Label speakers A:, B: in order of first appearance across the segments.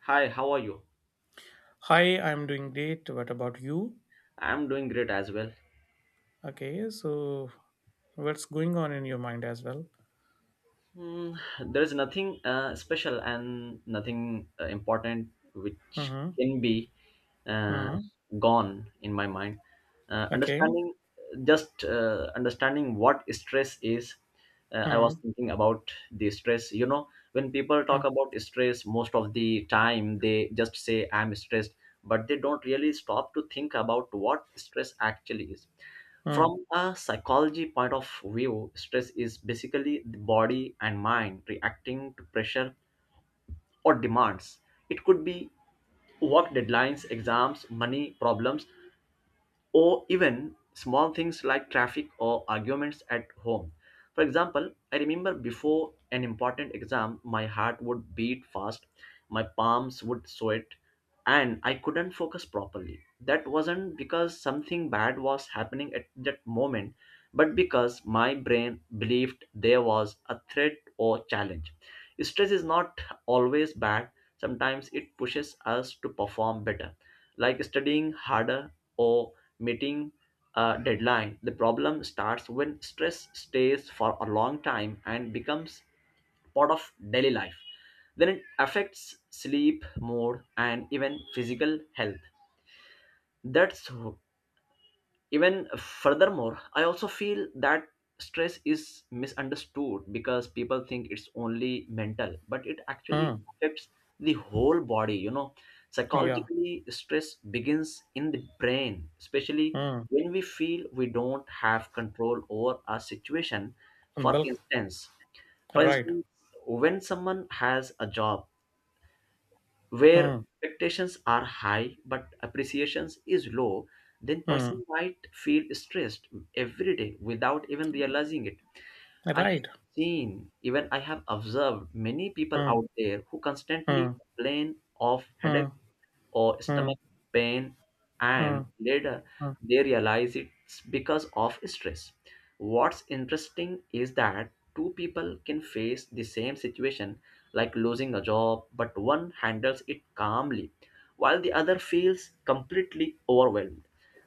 A: Hi, how are you?
B: Hi, I'm doing great. What about you?
A: I'm doing great as well.
B: Okay, so what's going on in your mind as well?
A: Hmm, there's nothing special and nothing important which
B: Mm-hmm.
A: can be uh,
B: Mm-hmm.
A: gone in my mind. Uh,
B: Okay.
A: understanding, just understanding what stress is. I was
B: Mm-hmm.
A: thinking about the stress. You know, when people talk about stress, most of the time they just say, I'm stressed, but they don't really stop to think about what stress actually is.
B: Mm-hmm.
A: From a psychology point of view, stress is basically the body and mind reacting to pressure or demands. It could be work deadlines, exams, money problems, or even small things like traffic or arguments at home. For example, I remember before an important exam, my heart would beat fast, my palms would sweat, and I couldn't focus properly. That wasn't because something bad was happening at that moment, but because my brain believed there was a threat or challenge. Stress is not always bad, sometimes it pushes us to perform better, like studying harder or meeting a deadline. The problem starts when stress stays for a long time and becomes part of daily life. Then it affects sleep, mood, and even physical health. That's even furthermore, I also feel that stress is misunderstood because people think it's only mental, but it actually
B: Mm-hmm.
A: affects the whole body, you know.
B: Yeah.
A: Psychologically, stress begins in the brain, especially
B: Mm-hmm.
A: when we feel we don't have control over our situation. for
B: Bulk.
A: instance for
B: Right.
A: instance when someone has a job where expectations are high but appreciations is low, then
B: Mm-hmm.
A: person might feel stressed every day without even realizing it. I have
B: Right.
A: seen, even I have observed many people
B: Mm-hmm.
A: out there who constantly complain of headache
B: Mm-hmm.
A: or stomach pain, and
B: Mm-hmm.
A: later they realize it's because of stress. What's interesting is that two people can face the same situation, like losing a job, but one handles it calmly, while the other feels completely overwhelmed.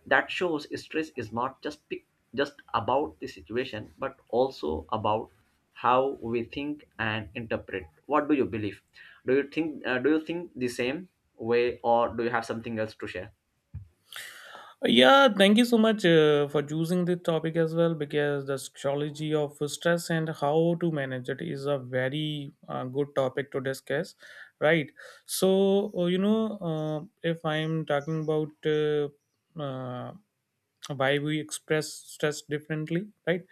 A: That shows stress is not just about the situation, but also about how we think and interpret. What do you believe? Do you think do you think the same way, or do you have something else to share?
B: Yeah, thank you so much for choosing this topic as well because the psychology of stress and how to manage it is a very good topic to discuss, right? If I'm talking about why we express stress differently, right?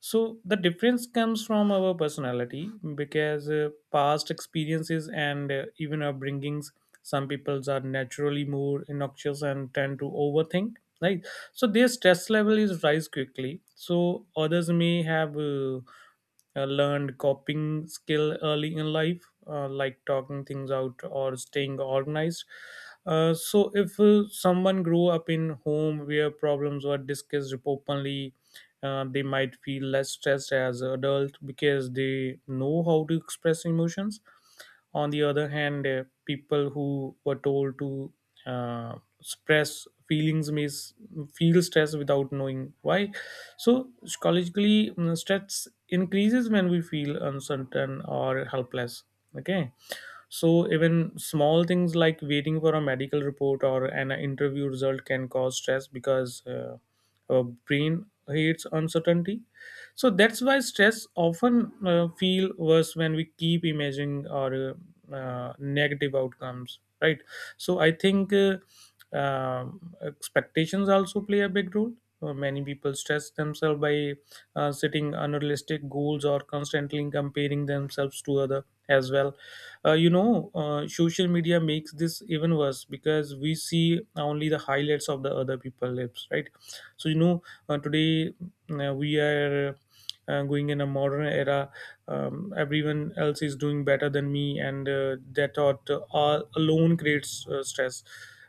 B: So the difference comes from our personality because past experiences and even our bringings. Some peoples are naturally more innoxious and tend to overthink, right? So their stress level is rise quickly, so others may have learned coping skill early in life, like talking things out or staying organized. So, if someone grew up in home where problems were discussed openly, they might feel less stressed as adult because they know how to express emotions. On the other hand, people who were told to uh, suppress feelings may s- feel stress without knowing why. So, psychologically, stress increases when we feel uncertain or helpless. Okay. So even small things like waiting for a medical report or an interview result can cause stress because our brain hates uncertainty. So that's why stress often feel worse when we keep imagining or negative outcomes, right? So I think expectations also play a big role. Many people stress themselves by setting unrealistic goals or constantly comparing themselves to other as well. Social media makes this even worse because we see only the highlights of the other people lives, right? So you know Today, we are going in a modern era. Everyone else is doing better than me, and that thought alone creates stress.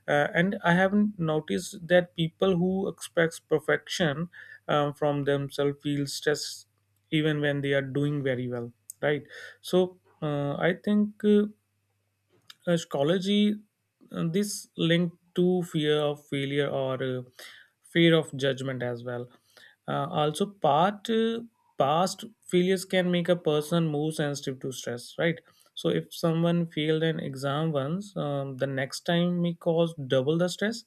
B: And I haven't noticed that people who expect perfection from themselves feel stress even when they are doing very well, right? So I think. Astrology, this linked to fear of failure or fear of judgment as well. Also, part past failures can make a person more sensitive to stress, right? So, if someone failed an exam once, the next time may cause double the stress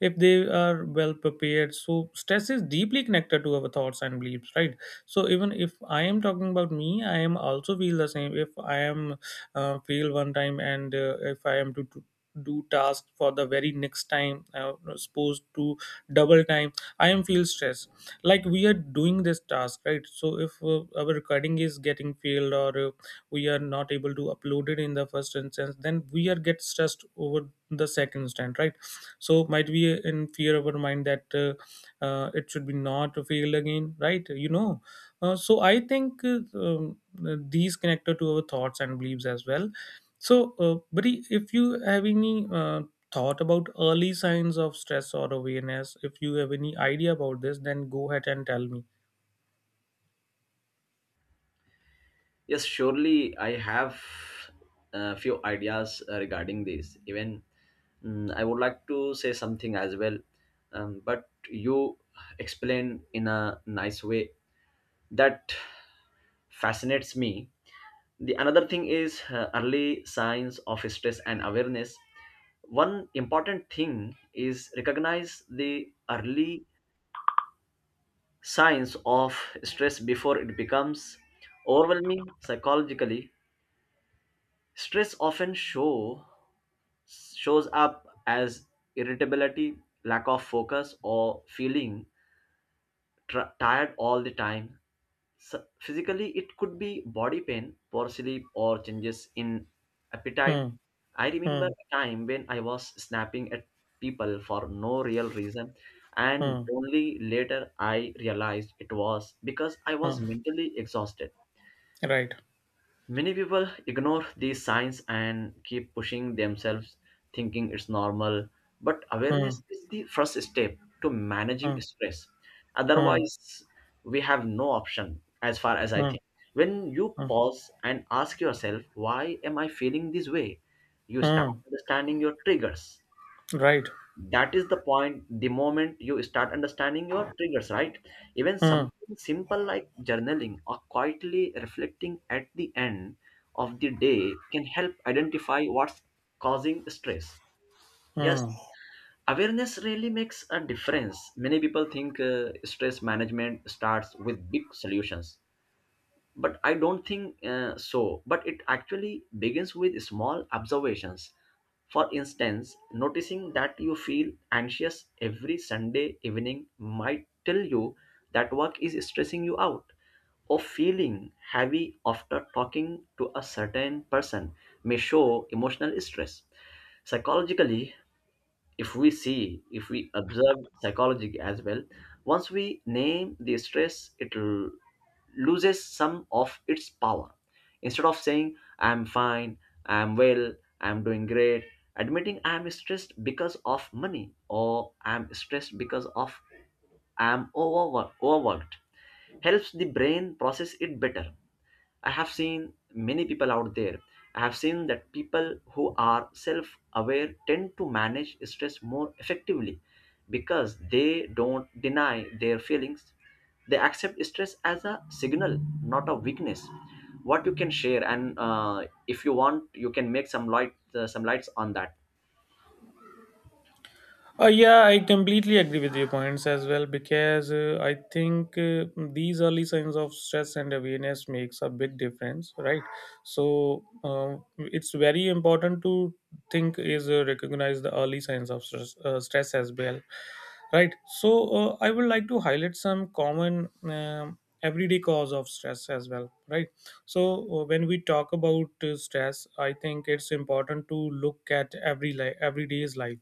B: if they are well prepared. So stress is deeply connected to our thoughts and beliefs, right? So even if I am talking about me, I am also feel the same. If I am fail one time, and if I am to do task for the very next time, supposed to double time, I am feel stress. Like, we are doing this task, right? So if our recording is getting failed, or we are not able to upload it in the first instance, then we are get stressed over the second instant, right? So might be in fear of our mind that it should be not fail again, right? So I think these connected to our thoughts and beliefs as well. So buddy, if you have any thought about early signs of stress or awareness, if you have any idea about this, then go ahead and tell me.
A: Yes, surely I have a few ideas regarding this. I would like to say something as well. But you explain in a nice way that fascinates me. The another thing is early signs of stress and awareness. One important thing is recognize the early signs of stress before it becomes overwhelming. Psychologically, stress often shows up as irritability, lack of focus, or feeling tired all the time. So physically, it could be body pain, poor sleep, or changes in appetite.
B: hmm,
A: I remember
B: hmm,
A: a time when I was snapping at people for no real reason, and
B: hmm,
A: only later I realized it was because I
B: hmm.
A: was mentally exhausted.
B: Right.
A: Many people ignore these signs and keep pushing themselves, thinking it's normal. But
B: hmm,
A: awareness is the first step to managing
B: hmm,
A: stress.
B: hmm,
A: Otherwise, we have no option, as far as I
B: hmm,
A: think. When you
B: hmm,
A: pause and ask yourself, why am I feeling this way? You start
B: hmm.
A: understanding your triggers.
B: Right.
A: That is the point, the moment you start understanding your triggers. Right, even
B: hmm,
A: something simple like journaling or quietly reflecting at the end of the day can help identify what's causing stress. Yes,
B: hmm.
A: awareness really makes a difference. Many people think stress management starts with big solutions, but I don't think so, but it actually begins with small observations. For instance, noticing that you feel anxious every Sunday evening might tell you that work is stressing you out, or feeling heavy after talking to a certain person may show emotional stress. Psychologically, if we see, if we observe psychology as well, once we name the stress, it loses some of its power. Instead of saying I'm fine, I'm well, I'm doing great, admitting I'm stressed because of money, or I'm stressed because of, I'm overworked, helps the brain process it better. I have seen many people out there. I have seen that people who are self aware tend to manage stress more effectively because they don't deny their feelings. They accept stress as a signal, not a weakness. What you can share, and if you want, you can make some light, some lights on that.
B: Yeah, I completely agree with your points as well because I think these early signs of stress and awareness makes a big difference, right? So it's very important to think is recognize the early signs of stress, stress as well, right? So I would like to highlight some common everyday cause of stress as well, right? So when we talk about stress, I think it's important to look at everyday's life,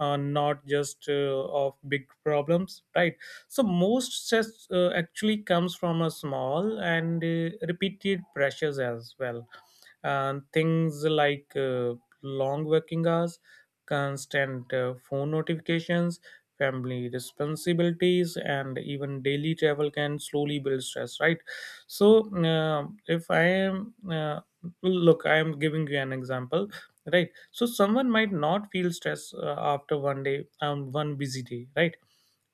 B: not just of big problems, right? So most stress actually comes from a small and repeated pressures as well, and things like long working hours, constant phone notifications, family responsibilities, and even daily travel can slowly build stress, right? So if I am look, I am giving you an example, right? So someone might not feel stress after one day, one busy day, right?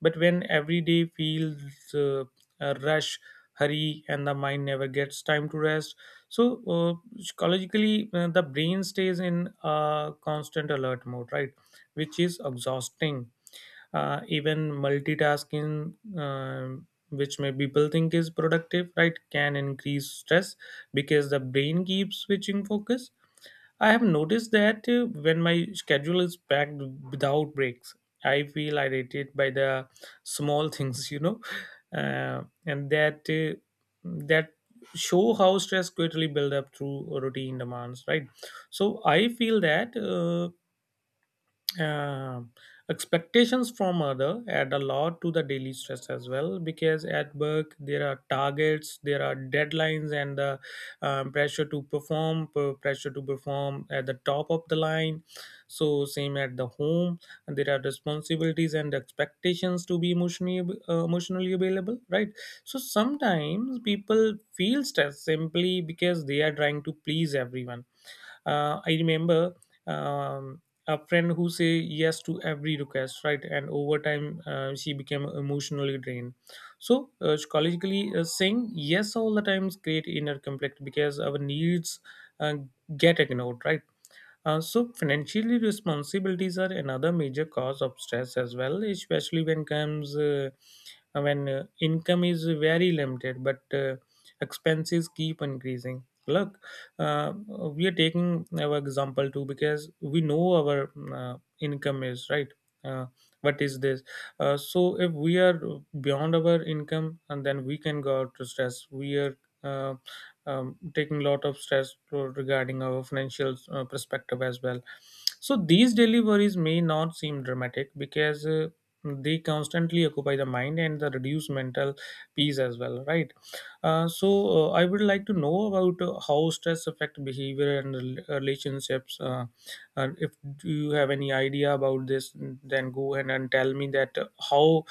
B: But when every day feels a rush, hurry, and the mind never gets time to rest. So uh, psychologically, the brain stays in a constant alert mode, right? Which is exhausting. Even multitasking, um which may people think is productive, right, can increase stress because the brain keeps switching focus. I have noticed that when my schedule is packed without breaks, I feel irritated by the small things, you know, and that that show how stress quickly build up through routine demands, right? So I feel that. Um Expectations from other add a lot to the daily stress as well, because at work there are targets, there are deadlines, and the pressure to perform at the top of the line. So same at the home, and there are responsibilities and expectations to be emotionally available, right? So sometimes people feel stressed simply because they are trying to please everyone. I remember um, a friend who say yes to every request, right? And over time she became emotionally drained. So psychologically, saying yes all the times create inner conflict because our needs uh, get ignored, right? So, financially responsibilities are another major cause of stress as well, especially when comes when income is very limited, but expenses keep increasing. Look, we are taking our example too because we know our income is right. Uh, what is this? So, if we are beyond our income, and then we can go out to stress. We are uh, taking a lot of stress regarding our financial perspective as well. So these daily worries may not seem dramatic because they constantly occupy the mind and the reduce mental peace as well, right? I would like to know about how stress affect behavior and relationships. And if do you have any idea about this, then go ahead and tell me that how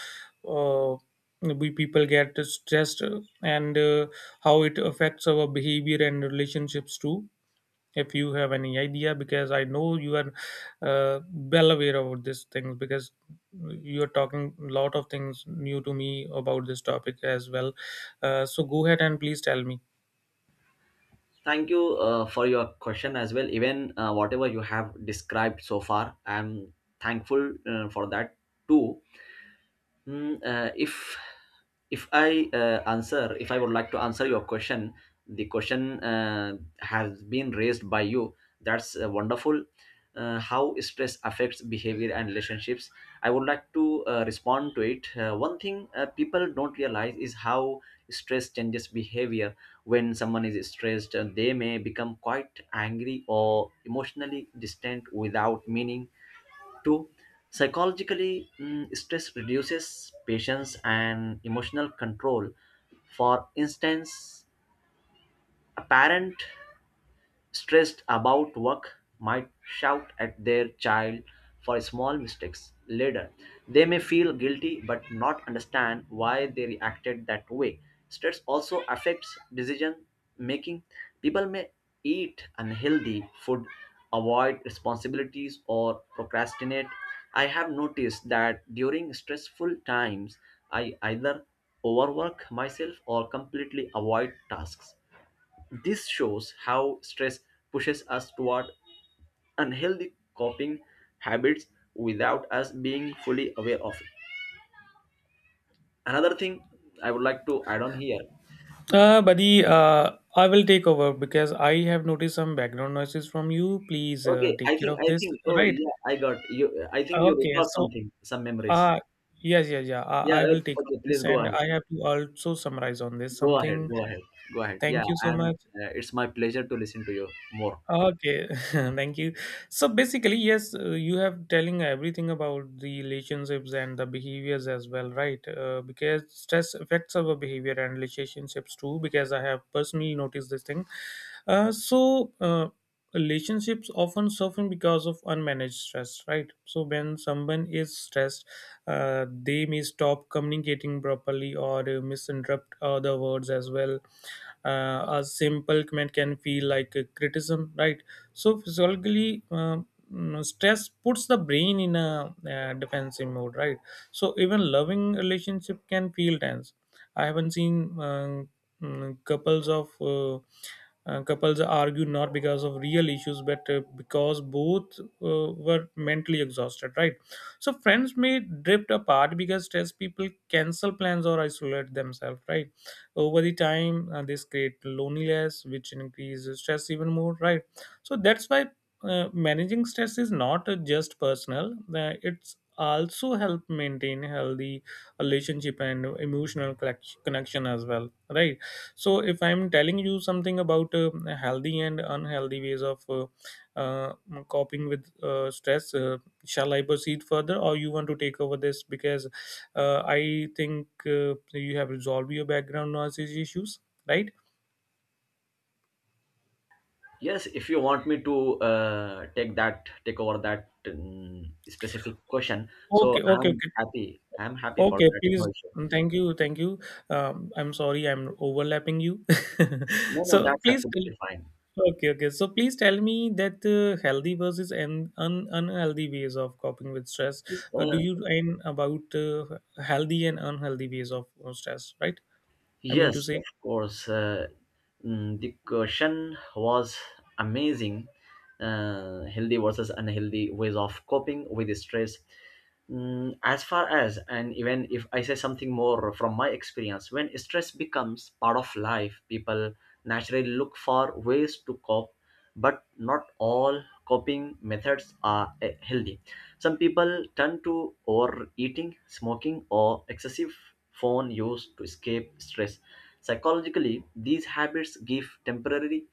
B: uh, we people get stressed and how it affects our behavior and relationships too, if you have any idea, because I know you are uh, well aware about this thing because you're talking a lot of things new to me about this topic as well. So go ahead and please tell me.
A: Thank you for your question as well. Even whatever you have described so far, I'm thankful for that too. If if I answer, if I would like to answer your question, the question has been raised by you. That's wonderful. How stress affects behavior and relationships. I would like to respond to it. One thing people don't realize is how stress changes behavior. When someone is stressed, they may become quite angry or emotionally distant without meaning Two, psychologically, stress reduces patience and emotional control. For instance, a parent stressed about work might shout at their child for small mistakes. Later, they may feel guilty but not understand why they reacted that way. Stress also affects decision making. People may eat unhealthy food, avoid responsibilities, or procrastinate. I have noticed that during stressful times, I either overwork myself or completely avoid tasks. This shows how stress pushes us toward unhealthy coping habits without us being fully aware of it. Another thing I would like to add on here.
B: Buddy, I will take over because I have noticed some background noises from you. Please
A: Okay, I
B: take care
A: think,
B: of
A: I
B: this.
A: think, oh
B: Right.
A: yeah, I got you. I think you
B: Okay.
A: recall
B: so
A: something, some memories.
B: uh yes, yeah,
A: Yeah,
B: I will
A: okay,
B: take
A: okay,
B: over
A: please
B: this,
A: go
B: and
A: ahead.
B: I have to also summarize on this
A: Go
B: something.
A: ahead. Go ahead. Go ahead. Yeah,
B: Thank you so
A: and
B: much.
A: it's my pleasure to listen to you more.
B: Okay, thank you. So basically, yes, you have telling everything about the relationships and the behaviors as well, right? Because stress affects our behavior and relationships too. Because I have personally noticed this thing. Uh, so uh, Relationships often suffer because of unmanaged stress, right? So when someone is stressed, they may stop communicating properly or misinterpret other words as well. A simple comment can feel like a criticism, right? So physiologically, stress puts the brain in a defensive mode, right? So even loving relationship can feel tense. I haven't seen mm, couples of uh, couples argue not because of real issues, but because both were mentally exhausted, right? So friends may drift apart because stressed people cancel plans or isolate themselves, right? Over the time this create loneliness, which increases stress even more, right? So that's why managing stress is not just personal, it's also help maintain healthy relationship and connection as well, right? So if I'm telling you something about healthy and unhealthy ways of uh, coping with stress, shall I proceed further or you want to take over this, because I think you have resolved your background noise issues, right?
A: Yes, if you want me to take that, take over that specific question, so
B: Okay, okay,
A: I'm
B: okay,
A: happy. I'm happy for
B: okay.
A: that. No
B: Please,
A: issue.
B: thank you, thank you. I'm sorry, I'm overlapping you.
A: No, no,
B: So
A: that's
B: please, tell,
A: absolutely fine.
B: okay, okay. So please tell me that healthy versus unhealthy ways of coping with stress.
A: This,
B: Do you mean about healthy and unhealthy ways of stress, right? I mean
A: yes,
B: to
A: of
B: say,
A: course. The question was amazing. Healthy versus unhealthy ways of coping with stress. As far as, and even if I say something more from my experience, when stress becomes part of life, people naturally look for ways to cope, but not all coping methods are healthy. Some people turn to overeating, smoking, or excessive phone use to escape stress. Psychologically, these habits give temporary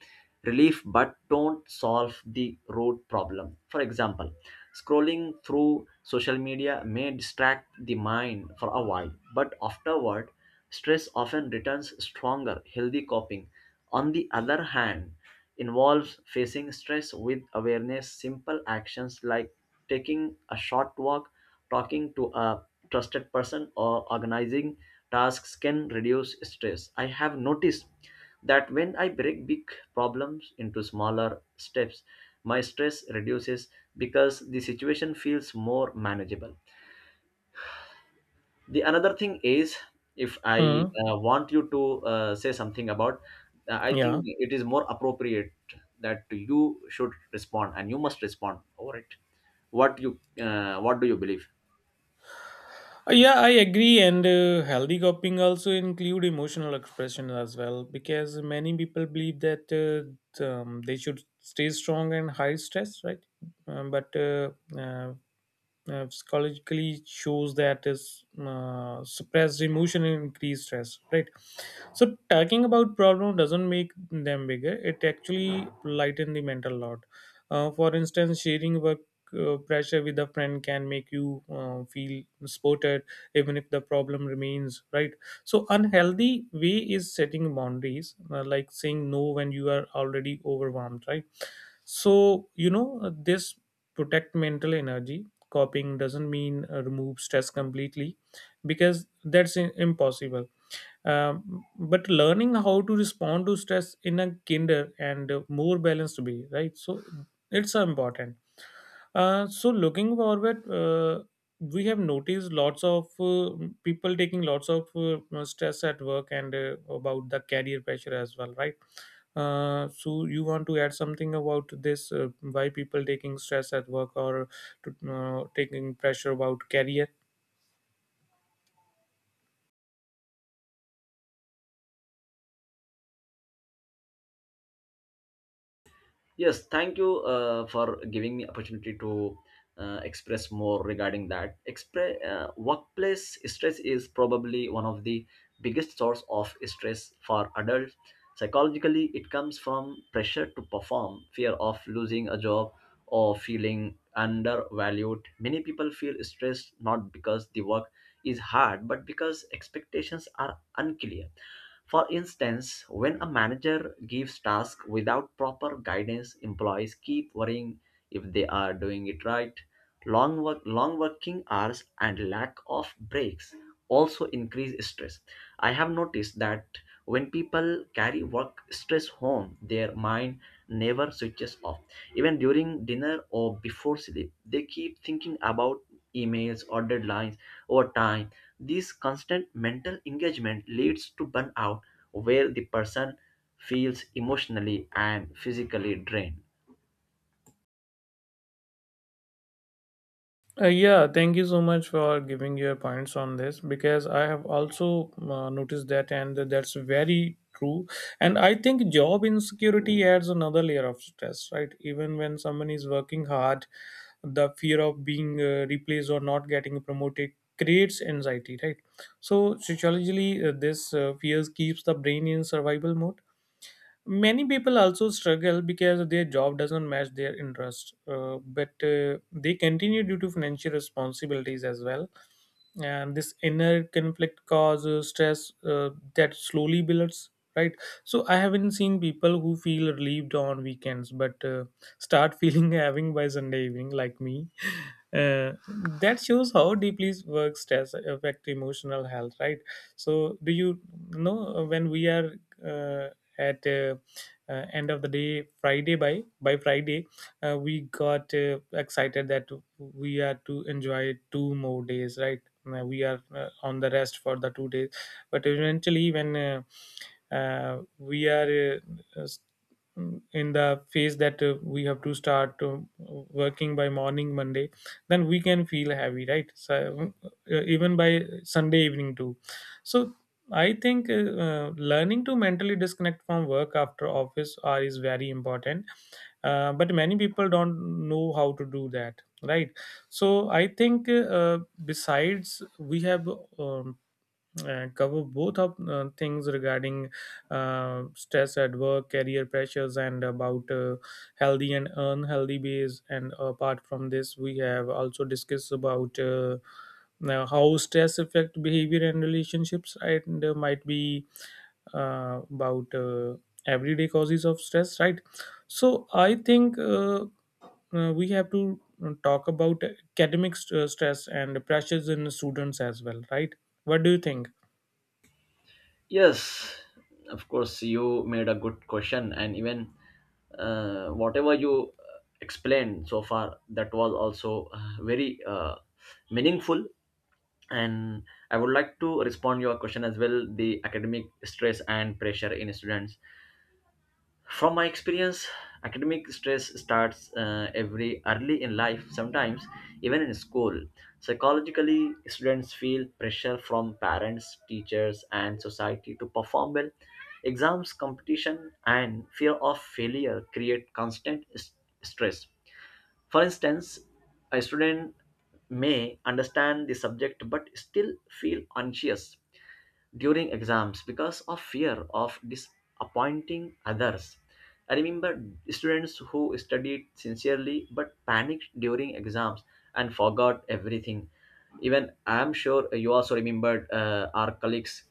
A: relief but don't solve the root problem. For example, scrolling through social media may distract the mind for a while, but afterward, stress often returns stronger. Healthy coping, on the other hand, involves facing stress with awareness. Simple actions like taking a short walk, talking to a trusted person, or organizing tasks can reduce stress. I have noticed that when I break big problems into smaller steps, my stress reduces because the situation feels more manageable. The another thing is, if I
B: hmm
A: want you to say something about, I think
B: yeah.
A: it is more appropriate that you should respond and you must respond over it. What you, what do you believe?
B: Yeah, I agree. And healthy coping also include emotional expression as well, because many people believe that they should stay strong and high stress, right? But uh, psychologically shows that is suppressed emotion and increased stress, right? So talking about problem doesn't make them bigger, it actually lighten the mental load. For instance, sharing work pressure with a friend can make you feel supported even if the problem remains, right? So unhealthy way is setting boundaries, like saying no when you are already overwhelmed, right? So this protect mental energy. Copying doesn't mean remove stress completely, because that's impossible. Um, but learning how to respond to stress in a kinder and more balanced way, right? So it's so important. So looking forward, we have noticed lots of people taking lots of stress at work and about the career pressure as well, right? So you want to add something about this? Why people taking stress at work or to, taking pressure about career?
A: Yes, thank you for giving me opportunity to express more regarding that. Workplace stress is probably one of the biggest source of stress for adults. Psychologically, it comes from pressure to perform, fear of losing a job, or feeling undervalued. Many people feel stressed not because the work is hard, but because expectations are unclear. For instance, when a manager gives tasks without proper guidance, employees keep worrying if they are doing it right. Long working hours and lack of breaks also increase stress. I have noticed that when people carry work stress home, their mind never switches off. Even during dinner or before sleep, they keep thinking about emails or deadlines. Over time, this constant mental engagement leads to burnout, where the person feels emotionally and physically drained.
B: Yeah, thank you so much for giving your points on this, because I have also noticed that, and that's very true. And I think job insecurity adds another layer of stress, right? Even when someone is working hard, the fear of being replaced or not getting promoted creates anxiety, right? So, sociologically, this fears keeps the brain in survival mode. Many people also struggle because their job doesn't match their interest, but they continue due to financial responsibilities as well, and this inner conflict causes stress that slowly builds, right? So I haven't seen people who feel relieved on weekends, but start feeling having by Sunday evening like me. uh, that shows how deeply work stress affect emotional health, right? So do you know, when we are uh, at end of the day Friday, by Friday, we got excited that we are to enjoy two more days, right? We are on the rest for the 2 days. But eventually, when we are uh, s- in the phase that we have to start working by morning Monday, then we can feel heavy, right? So even by Sunday evening too. So I think learning to mentally disconnect from work after office hour is very important. But many people don't know how to do that, right? So I think besides, we have um, covered both of things regarding stress at work, career pressures, and about healthy and unhealthy ways. And apart from this, we have also discussed about. Now, how stress affect behavior and relationships, right? And might be about everyday causes of stress, right? So I think we have to talk about academic stress and pressures in students as well, right? What do you think?
A: Yes, of course, you made a good question, and even whatever you explained so far, that was also very meaningful. And I would like to respond your question as well. The academic stress and pressure in students. From my experience, academic stress starts every early in life, sometimes even in school. Psychologically, students feel pressure from parents, teachers, and society to perform well. Exams, competition, and fear of failure create constant stress. For instance, a student may understand the subject but still feel anxious during exams because of fear of disappointing others. I remember students who studied sincerely but panicked during exams and forgot everything. Even I'm sure you also remembered our colleagues.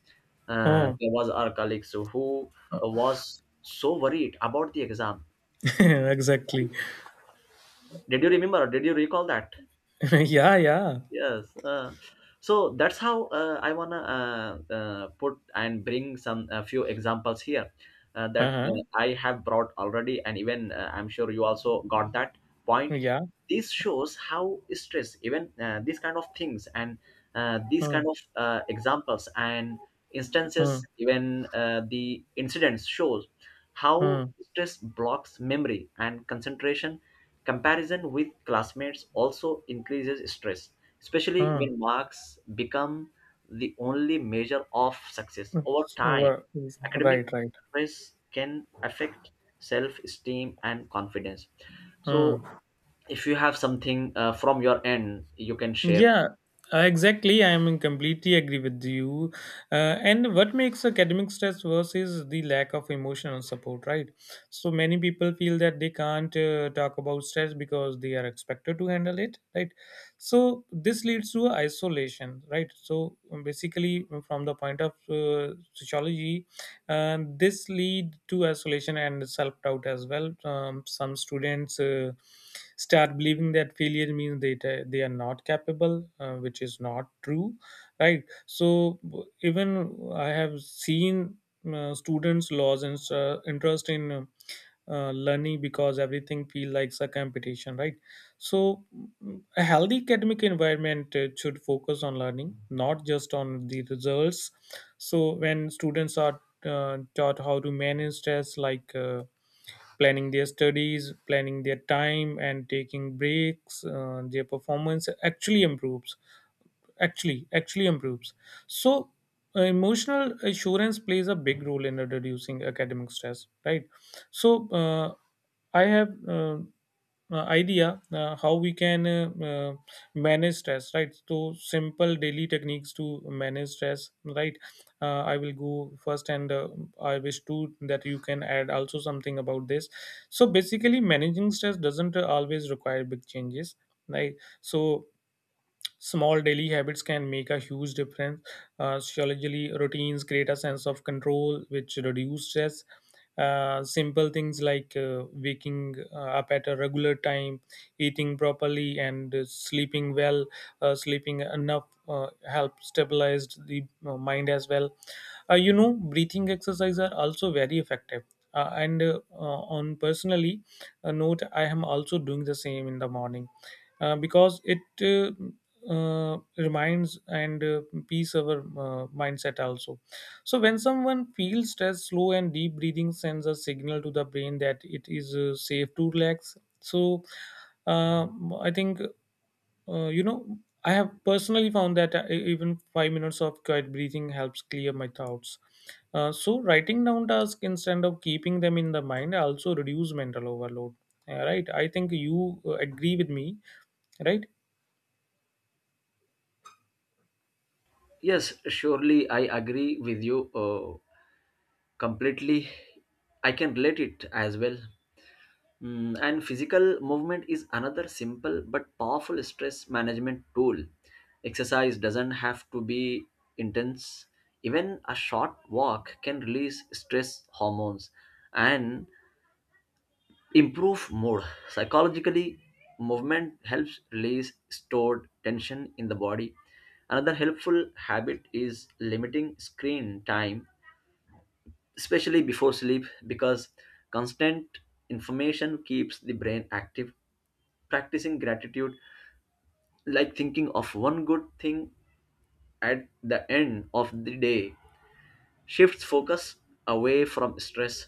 B: Oh,
A: There was our colleagues who was so worried about the exam.
B: exactly.
A: Did you remember? Did you recall that?
B: Yeah, yeah.
A: Yes. So that's how I wanna put and bring some a few examples here that
B: Uh-huh.
A: I have brought already, and even I'm sure you also got that point.
B: Yeah.
A: This shows how stress, even these kind of things, and these kind
B: Hmm.
A: of examples and
B: Hmm.
A: instances, even the incidents shows how
B: Hmm.
A: stress blocks memory and concentration. Comparison with classmates also increases stress, especially
B: Hmm.
A: when marks become the only measure of success. Over time, academic
B: Right, right.
A: stress can affect self esteem and confidence. So,
B: Hmm.
A: if you have something from your end, you can share.
B: Yeah, exactly. I am in completely agree with you. And what makes academic stress worse is the lack of emotional support, right? So many people feel that they can't talk about stress because they are expected to handle it, right? So this leads to isolation, right? So basically, from the point of sociology, and this lead to isolation and self-doubt as well. Some students start believing that failure means they are not capable, which is not true, right? So even I have seen students lose in, interest in learning because everything feel like a competition, right? So mm, a healthy academic environment should focus on learning, not just on the results. So when students are taught how to manage stress, like planning their studies, planning their time, and taking breaks. Their performance actually improves. Actually improves. So, emotional assurance plays a big role in reducing academic stress, right? So, I have. Idea how we can manage stress, right? So simple daily techniques to manage stress, right? I will go first, and I wish to that you can add also something about this. So basically managing stress doesn't always require big changes, right? So small daily habits can make a huge difference. Sociologically, routines create a sense of control, which reduce stress. Simple things, like waking up at a regular time, eating properly, and sleeping well, sleeping enough help stabilize the mind as well. Breathing exercises are also very effective. And On personally a note, I am also doing the same in the morning, because it reminds and peace our mindset also. So when someone feels stress, slow and deep breathing sends a signal to the brain that it is safe to relax. So uh, I think uh, you know I have personally found that even 5 minutes of quiet breathing helps clear my thoughts. So writing down tasks instead of keeping them in the mind also reduce mental overload. Yeah, right. I think you agree with me, right?
A: Yes, surely I agree with you completely. I can relate it as well. And physical movement is another simple but powerful stress management tool. Exercise doesn't have to be intense. Even a short walk can release stress hormones and improve mood. Psychologically, movement helps release stored tension in the body. Another helpful habit is limiting screen time, especially before sleep, because constant information keeps the brain active. Practicing gratitude, like thinking of one good thing at the end of the day, shifts focus away from stress.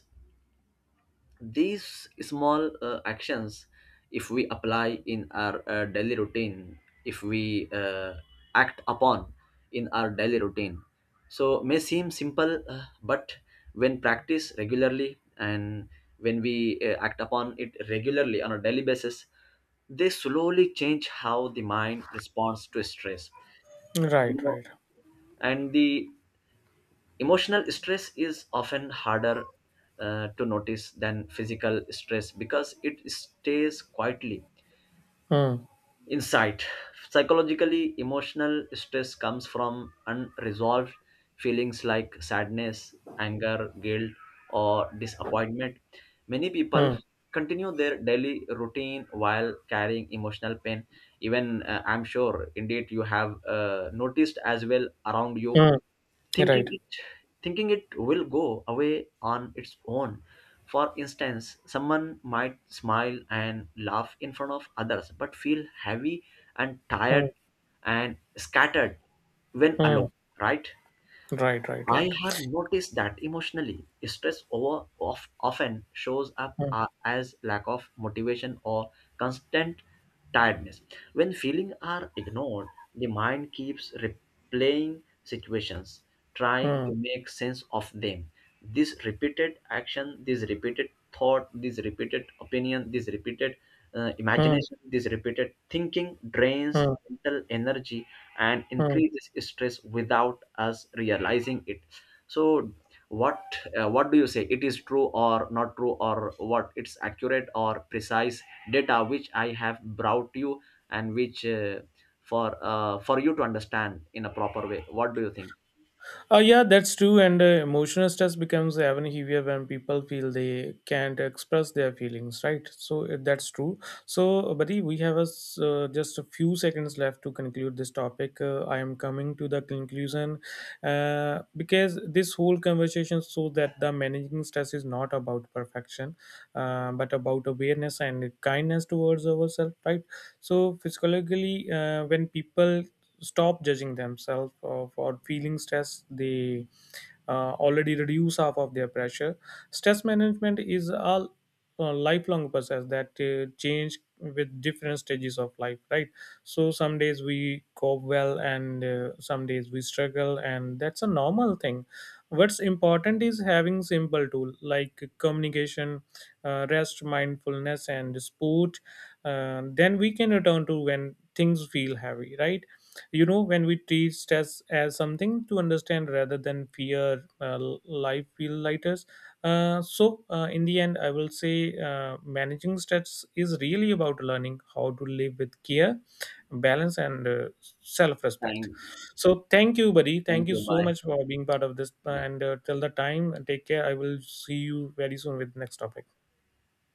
A: These small actions, if we apply in our daily routine, if we act upon in our daily routine, so may seem simple, but when practiced regularly and when we act upon it regularly on a daily basis, they slowly change how the mind responds to stress, you
B: Right,
A: know.
B: right.
A: And the Emotional stress is often harder to notice than physical stress because it stays quietly
B: Mm,
A: inside. Psychologically, emotional stress comes from unresolved feelings like sadness, anger, guilt, or disappointment. Many people
B: mm,
A: continue their daily routine while carrying emotional pain. Even I'm sure, indeed, you have noticed as well around you,
B: mm,
A: thinking
B: right.
A: it thinking it will go away on its own. For instance, someone might smile and laugh in front of others but feel heavy and
B: Mm,
A: tired and scattered when
B: mm,
A: alone, right?
B: right, right,
A: I
B: right.
A: have noticed that emotionally, stress often shows up
B: Mm,
A: as lack of motivation or constant tiredness. When feelings are ignored, the mind keeps replaying situations, trying
B: mm,
A: to make sense of them. This repeated action, this repeated thought, this repeated opinion, this repeated
B: mm,
A: imagination, this repeated thinking drains
B: mm,
A: mental energy and
B: mm.
A: increases stress without us realizing it. So what, what do you say, it is true or not true, or what, it's accurate or precise data which I have brought you, and which for you to understand in a proper way, what do you think?
B: Yeah, that's true. And emotional stress becomes even heavier when people feel they can't express their feelings, right? So that's true. So, buddy, we have a s just a few seconds left to conclude this topic. I am coming to the conclusion because this whole conversation shows that the managing stress is not about perfection, but about awareness and kindness towards ourselves, right? So, physiologically, when people stop judging themselves for feeling stress, they already reduce half of their pressure. Stress management is a lifelong process that change with different stages of life, right? So some days we cope well, and some days we struggle, and that's a normal thing. What's important is having simple tool like communication, rest, mindfulness, and sport, then we can return to when things feel heavy, right? You know, when we treat stress as something to understand rather than fear, life feel lighter. In the end, I will say managing stress is really about learning how to live with care, balance, and self-respect.
A: thank,
B: So thank you, buddy.
A: Thank
B: Thank you
A: you,
B: so
A: bye.
B: much for being part of this, uh,
A: Bye.
B: and uh, till the time, take care. I will see you very soon with next topic.